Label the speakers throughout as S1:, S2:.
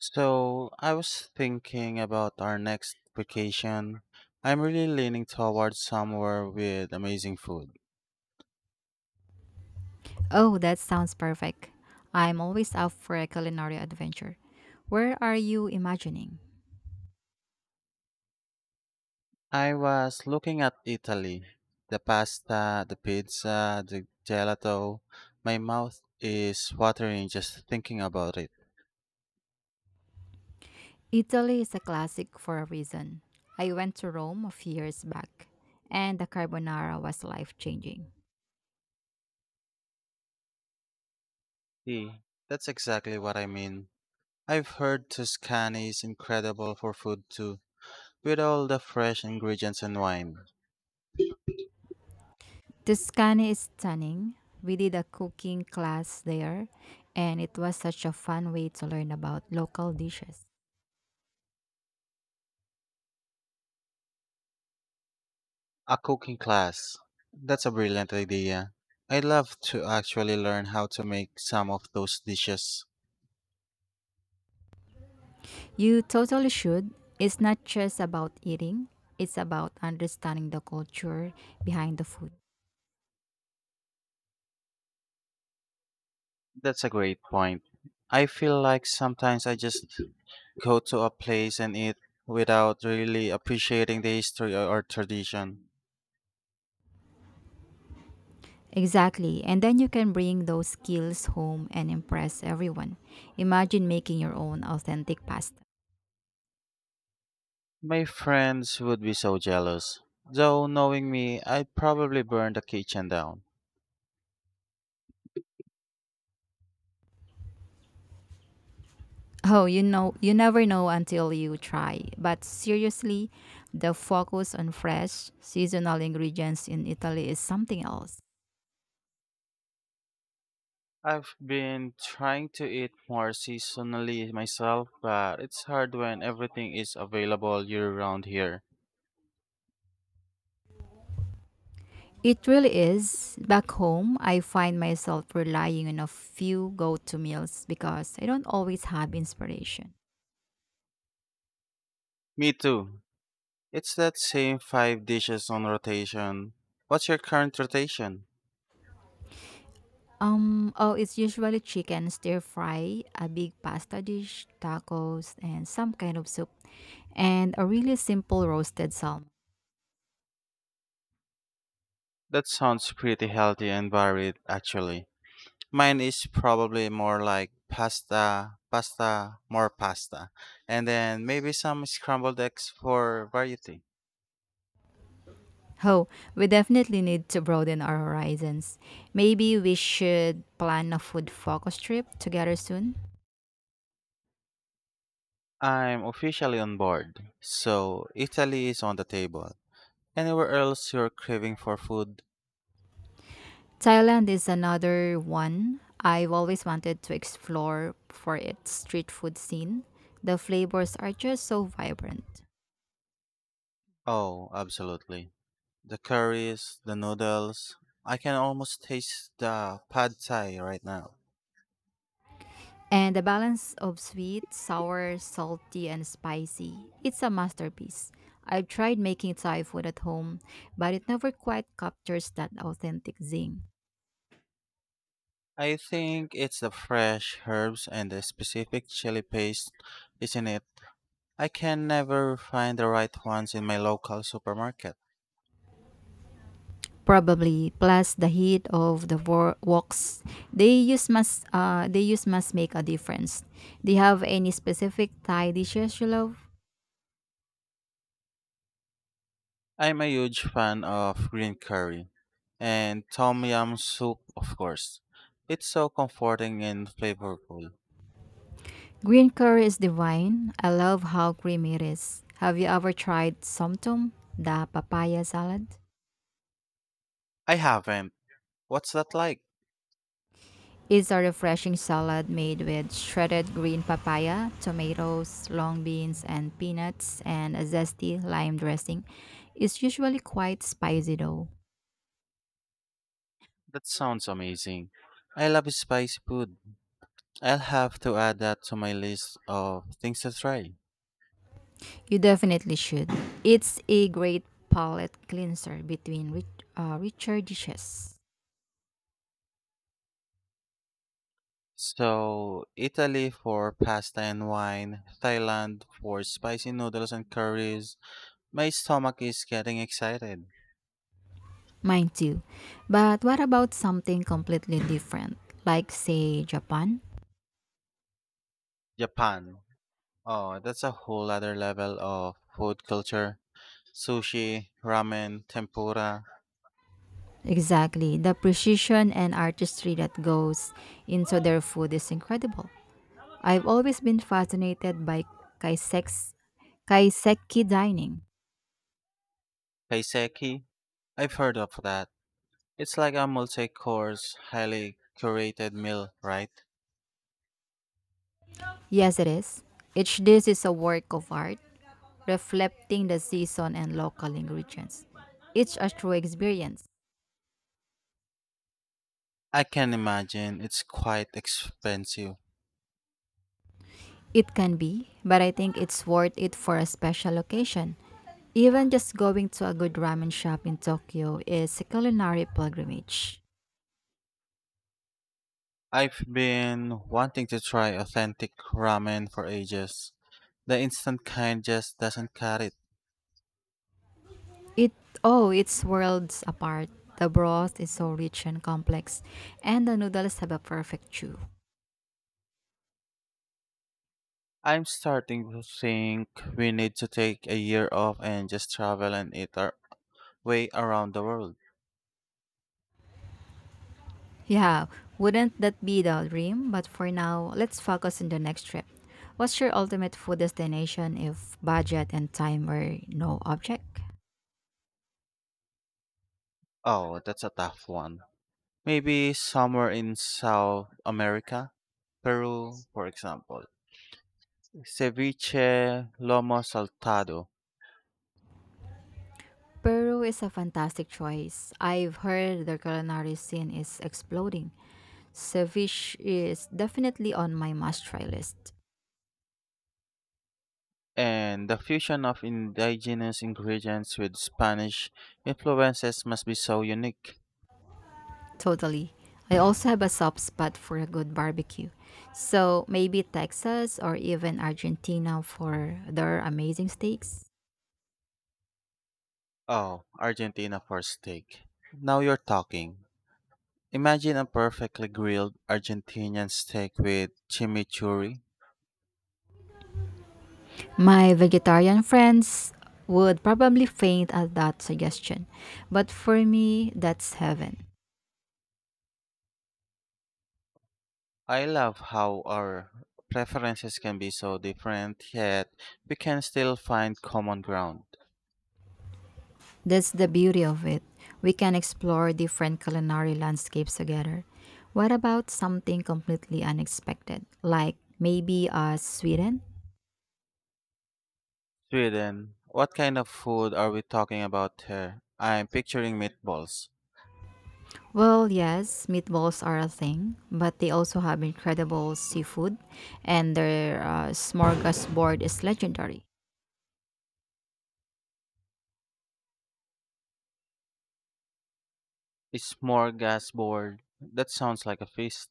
S1: So, I was thinking about our next vacation. I'm really leaning towards somewhere with amazing food.
S2: Oh, that sounds perfect. I'm always up for a culinary adventure. Where are you imagining?
S1: I was looking at Italy. The pasta, the pizza, the gelato. My mouth is watering just thinking about it.
S2: Italy is a classic for a reason. I went to Rome a few years back, and the carbonara was life changing.
S1: See, that's exactly what I mean. I've heard Tuscany is incredible for food too, with all the fresh ingredients and wine.
S2: Tuscany is stunning. We did a cooking class there, and it was such a fun way to learn about local dishes.
S1: A cooking class. That's a brilliant idea. I'd love to actually learn how to make some of those dishes.
S2: You totally should. It's not just about eating, it's about understanding the culture behind the food.
S1: That's a great point. I feel like sometimes I just go to a place and eat without really appreciating the history or tradition.
S2: Exactly. And then you can bring those skills home and impress everyone. Imagine making your own authentic pasta.
S1: My friends would be so jealous. Though knowing me, I'd probably burn the kitchen down.
S2: Oh, you know, you never know until you try. But seriously, the focus on fresh, seasonal ingredients in Italy is something else.
S1: I've been trying to eat more seasonally myself, but it's hard when everything is available year round here.
S2: It really is. Back home, I find myself relying on a few go to meals because I don't always have inspiration.
S1: Me too. It's that same five dishes on rotation. What's your current rotation?
S2: Oh, it's usually chicken stir fry, a big pasta dish, tacos, and some kind of soup, and a really simple roasted salmon.
S1: That sounds pretty healthy and varied, actually. Mine is probably more like pasta, pasta, more pasta, and then maybe some scrambled eggs for variety.
S2: Oh, we definitely need to broaden our horizons. Maybe we should plan a food focus trip together soon.
S1: I'm officially on board, so Italy is on the table. Anywhere else you're craving for food?
S2: Thailand is another one I've always wanted to explore for its street food scene. The flavors are just so vibrant.
S1: Oh, absolutely. The curries, the noodles. I can almost taste the pad thai right now.
S2: And the balance of sweet, sour, salty, and spicy. It's a masterpiece. I've tried making Thai food at home, but it never quite captures that authentic zing.
S1: I think it's the fresh herbs and the specific chili paste, isn't it? I can never find the right ones in my local supermarket.
S2: Probably plus the heat of the woks they use must make a difference. Do you have any specific Thai dishes you love?
S1: I'm a huge fan of green curry and tom yum soup, of course. It's so comforting and flavorful.
S2: Green curry is divine. I love how creamy it is. Have you ever tried somtum, the papaya salad?
S1: I haven't. What's that like?
S2: It's a refreshing salad made with shredded green papaya, tomatoes, long beans, and peanuts, and a zesty lime dressing. It's usually quite spicy though.
S1: That sounds amazing. I love spicy food. I'll have to add that to my list of things to try.
S2: You definitely should. It's a great palate cleanser between richer dishes.
S1: So, Italy for pasta and wine, Thailand for spicy noodles and curries. My stomach is getting excited.
S2: Mine too. But what about something completely different, like, say, Japan?
S1: Japan. Oh, that's a whole other level of food culture. Sushi, ramen, tempura,
S2: Exactly. The precision and artistry that goes into their food is incredible. I've always been fascinated by kaiseks, kaiseki dining.
S1: kaiseki. I've heard of that. It's like a multi course, highly curated meal, right?
S2: Yes, it is. Each dish is a work of art, reflecting the season and local ingredients. It's a true experience.
S1: I can imagine it's quite expensive.
S2: It can be, but I think it's worth it for a special occasion. Even just going to a good ramen shop in Tokyo is a culinary pilgrimage.
S1: I've been wanting to try authentic ramen for ages. The instant kind just doesn't cut it.
S2: It oh, it's worlds apart. The broth is so rich and complex, and the noodles have a perfect chew.
S1: I'm starting to think we need to take a year off and just travel and eat our way around the world.
S2: Yeah, wouldn't that be the dream? But for now, let's focus on the next trip. What's your ultimate food destination if budget and time were no object?
S1: Oh, that's a tough one. Maybe somewhere in South America, Peru, for example. Ceviche, lomo saltado,
S2: Peru is a fantastic choice. I've heard the culinary scene is exploding. Ceviche is definitely on my must try list.
S1: and the fusion of indigenous ingredients with Spanish influences must be so unique.
S2: Totally. I also have a soft spot for a good barbecue. So maybe Texas or even Argentina for their amazing steaks.
S1: Oh, Argentina for steak. Now you're talking. Imagine a perfectly grilled Argentinian steak with chimichurri.
S2: My vegetarian friends would probably faint at that suggestion, but for me, that's heaven.
S1: I love how our preferences can be so different, yet we can still find common ground.
S2: That's the beauty of it. We can explore different culinary landscapes together. What about something completely unexpected, like maybe Sweden?
S1: Sweden, what kind of food are we talking about here? I'm picturing meatballs.
S2: Well, yes, meatballs are a thing, but they also have incredible seafood, and their smorgasbord is legendary.
S1: A smorgasbord. That sounds like a feast.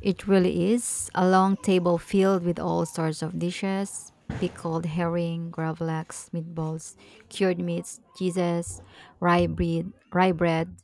S2: It really is. A long table filled with all sorts of dishes: pickled herring, gravlax, meatballs, cured meats, cheeses, rye bread.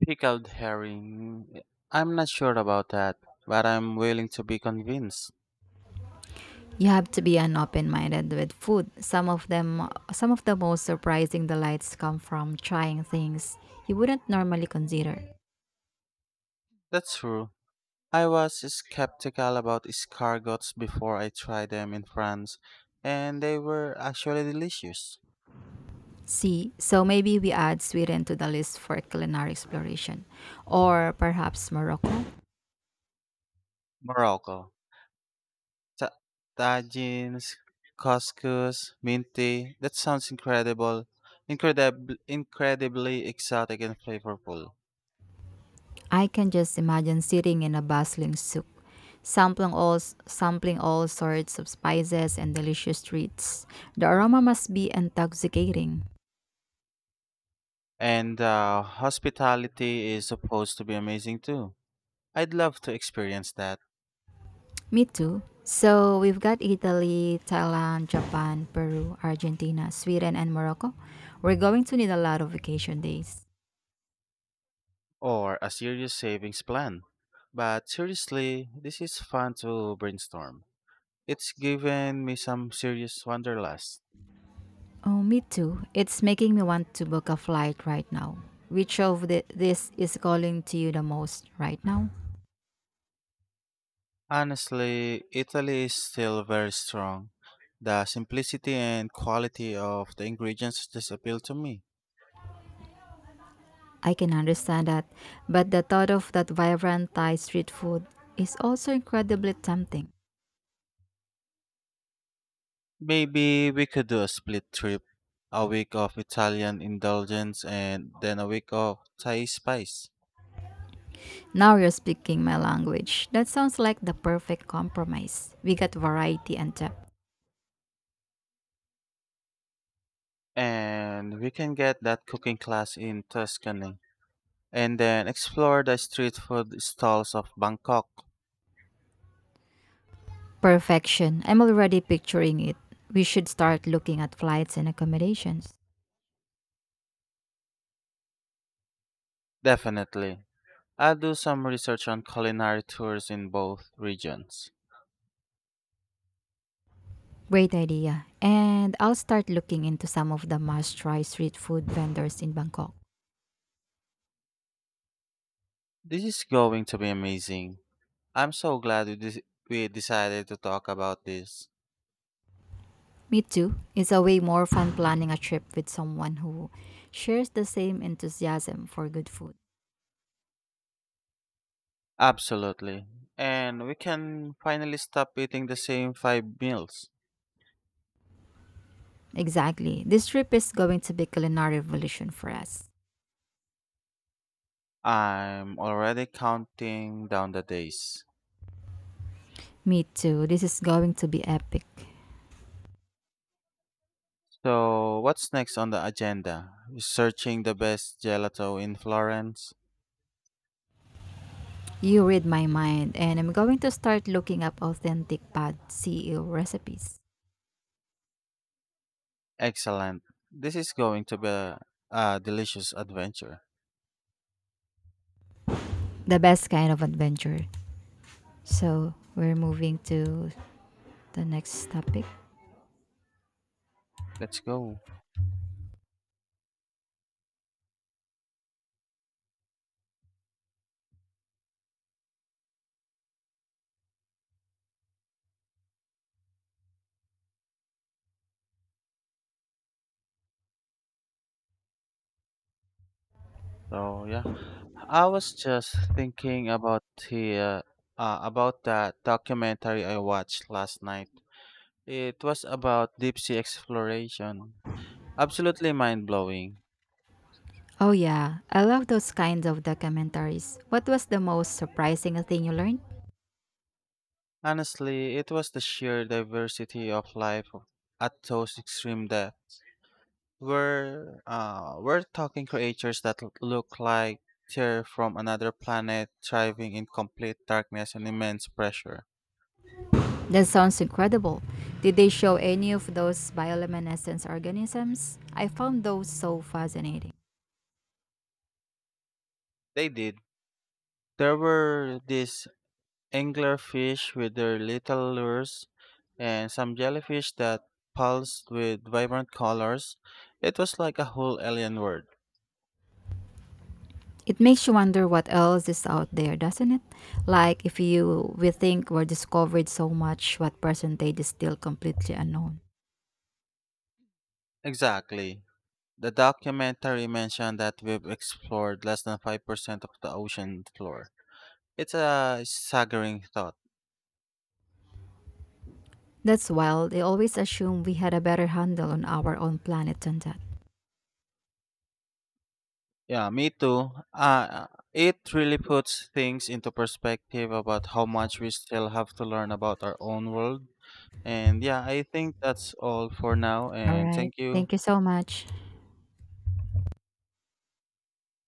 S1: Pickled herring. I'm not sure about that, but I'm willing to be convinced.
S2: You have to be an open-minded with food. Some of the most surprising delights come from trying things you wouldn't normally consider.
S1: That's true. I was skeptical about escargots before I tried them in France, and they were actually delicious.
S2: See, so maybe we add Sweden to the list for culinary exploration or perhaps Morocco.
S1: Morocco. Ta- tagines, couscous, minty. That sounds incredible. Incredibly exotic and flavorful.
S2: I can just imagine sitting in a bustling souk, sampling all sampling all sorts of spices and delicious treats. The aroma must be intoxicating.
S1: And hospitality is supposed to be amazing too. I'd love to experience that,
S2: Me too. So we've got Italy, Thailand, Japan, Peru, Argentina, Sweden, and Morocco. We're going to need a lot of vacation days.
S1: or a serious savings plan. But seriously, this is fun to brainstorm. It's given me some serious wanderlust.
S2: Oh, me too. It's making me want to book a flight right now. This is calling to you the most right now?
S1: Honestly, Italy is still very strong. The simplicity and quality of the ingredients just appeal to me.
S2: I can understand that, but the thought of that vibrant Thai street food is also incredibly tempting.
S1: Maybe we could do a split trip, a week of Italian indulgence and then a week of Thai spice.
S2: Now you're speaking my language. That sounds like the perfect compromise. We got variety and depth.
S1: And we can get that cooking class in Tuscany and then explore the street food stalls of Bangkok.
S2: Perfection. I'm already picturing it. We should start looking at flights and accommodations.
S1: Definitely. I'll do some research on culinary tours in both regions.
S2: Great idea. And I'll start looking into some of the must try street food vendors in Bangkok.
S1: This is going to be amazing. I'm so glad we decided to talk about this.
S2: Me too. It's a way more fun planning a trip with someone who shares the same enthusiasm for good food.
S1: Absolutely. And we can finally stop eating the same five meals.
S2: Exactly. This trip is going to be culinary revolution for us.
S1: I'm already counting down the days.
S2: Me too. This is going to be epic.
S1: So, what's next on the agenda? Searching the best gelato in Florence?
S2: You read my mind, and I'm going to start looking up authentic pad CEO recipes.
S1: Excellent. This is going to be a delicious adventure.
S2: The best kind of adventure. So we're moving to the next topic.
S1: Let's go. So, yeah. I was just thinking about the about that documentary I watched last night. It was about deep sea exploration. Absolutely mind blowing.
S2: Oh yeah, I love those kinds of documentaries. What was the most surprising thing you learned?
S1: Honestly, it was the sheer diversity of life at those extreme depths. We're talking creatures that look like they're from another planet, thriving in complete darkness and immense pressure.
S2: That sounds incredible. Did they show any of those bioluminescence organisms? I found those so fascinating.
S1: They did. There were these anglerfish with their little lures, and some jellyfish that pulsed with vibrant colors. It was like a whole alien world.
S2: It makes you wonder what else is out there, doesn't it? Like if you we think we're discovered so much, what percentage is still completely unknown?
S1: Exactly. The documentary mentioned that we've explored less than 5% of the ocean floor. It's a staggering thought.
S2: That's wild. They always assume we had a better handle on our own planet than that.
S1: Yeah, me too. It really puts things into perspective about how much we still have to learn about our own world. And yeah, I think that's all for now.
S2: All
S1: And
S2: right.
S1: thank you.
S2: Thank you so much.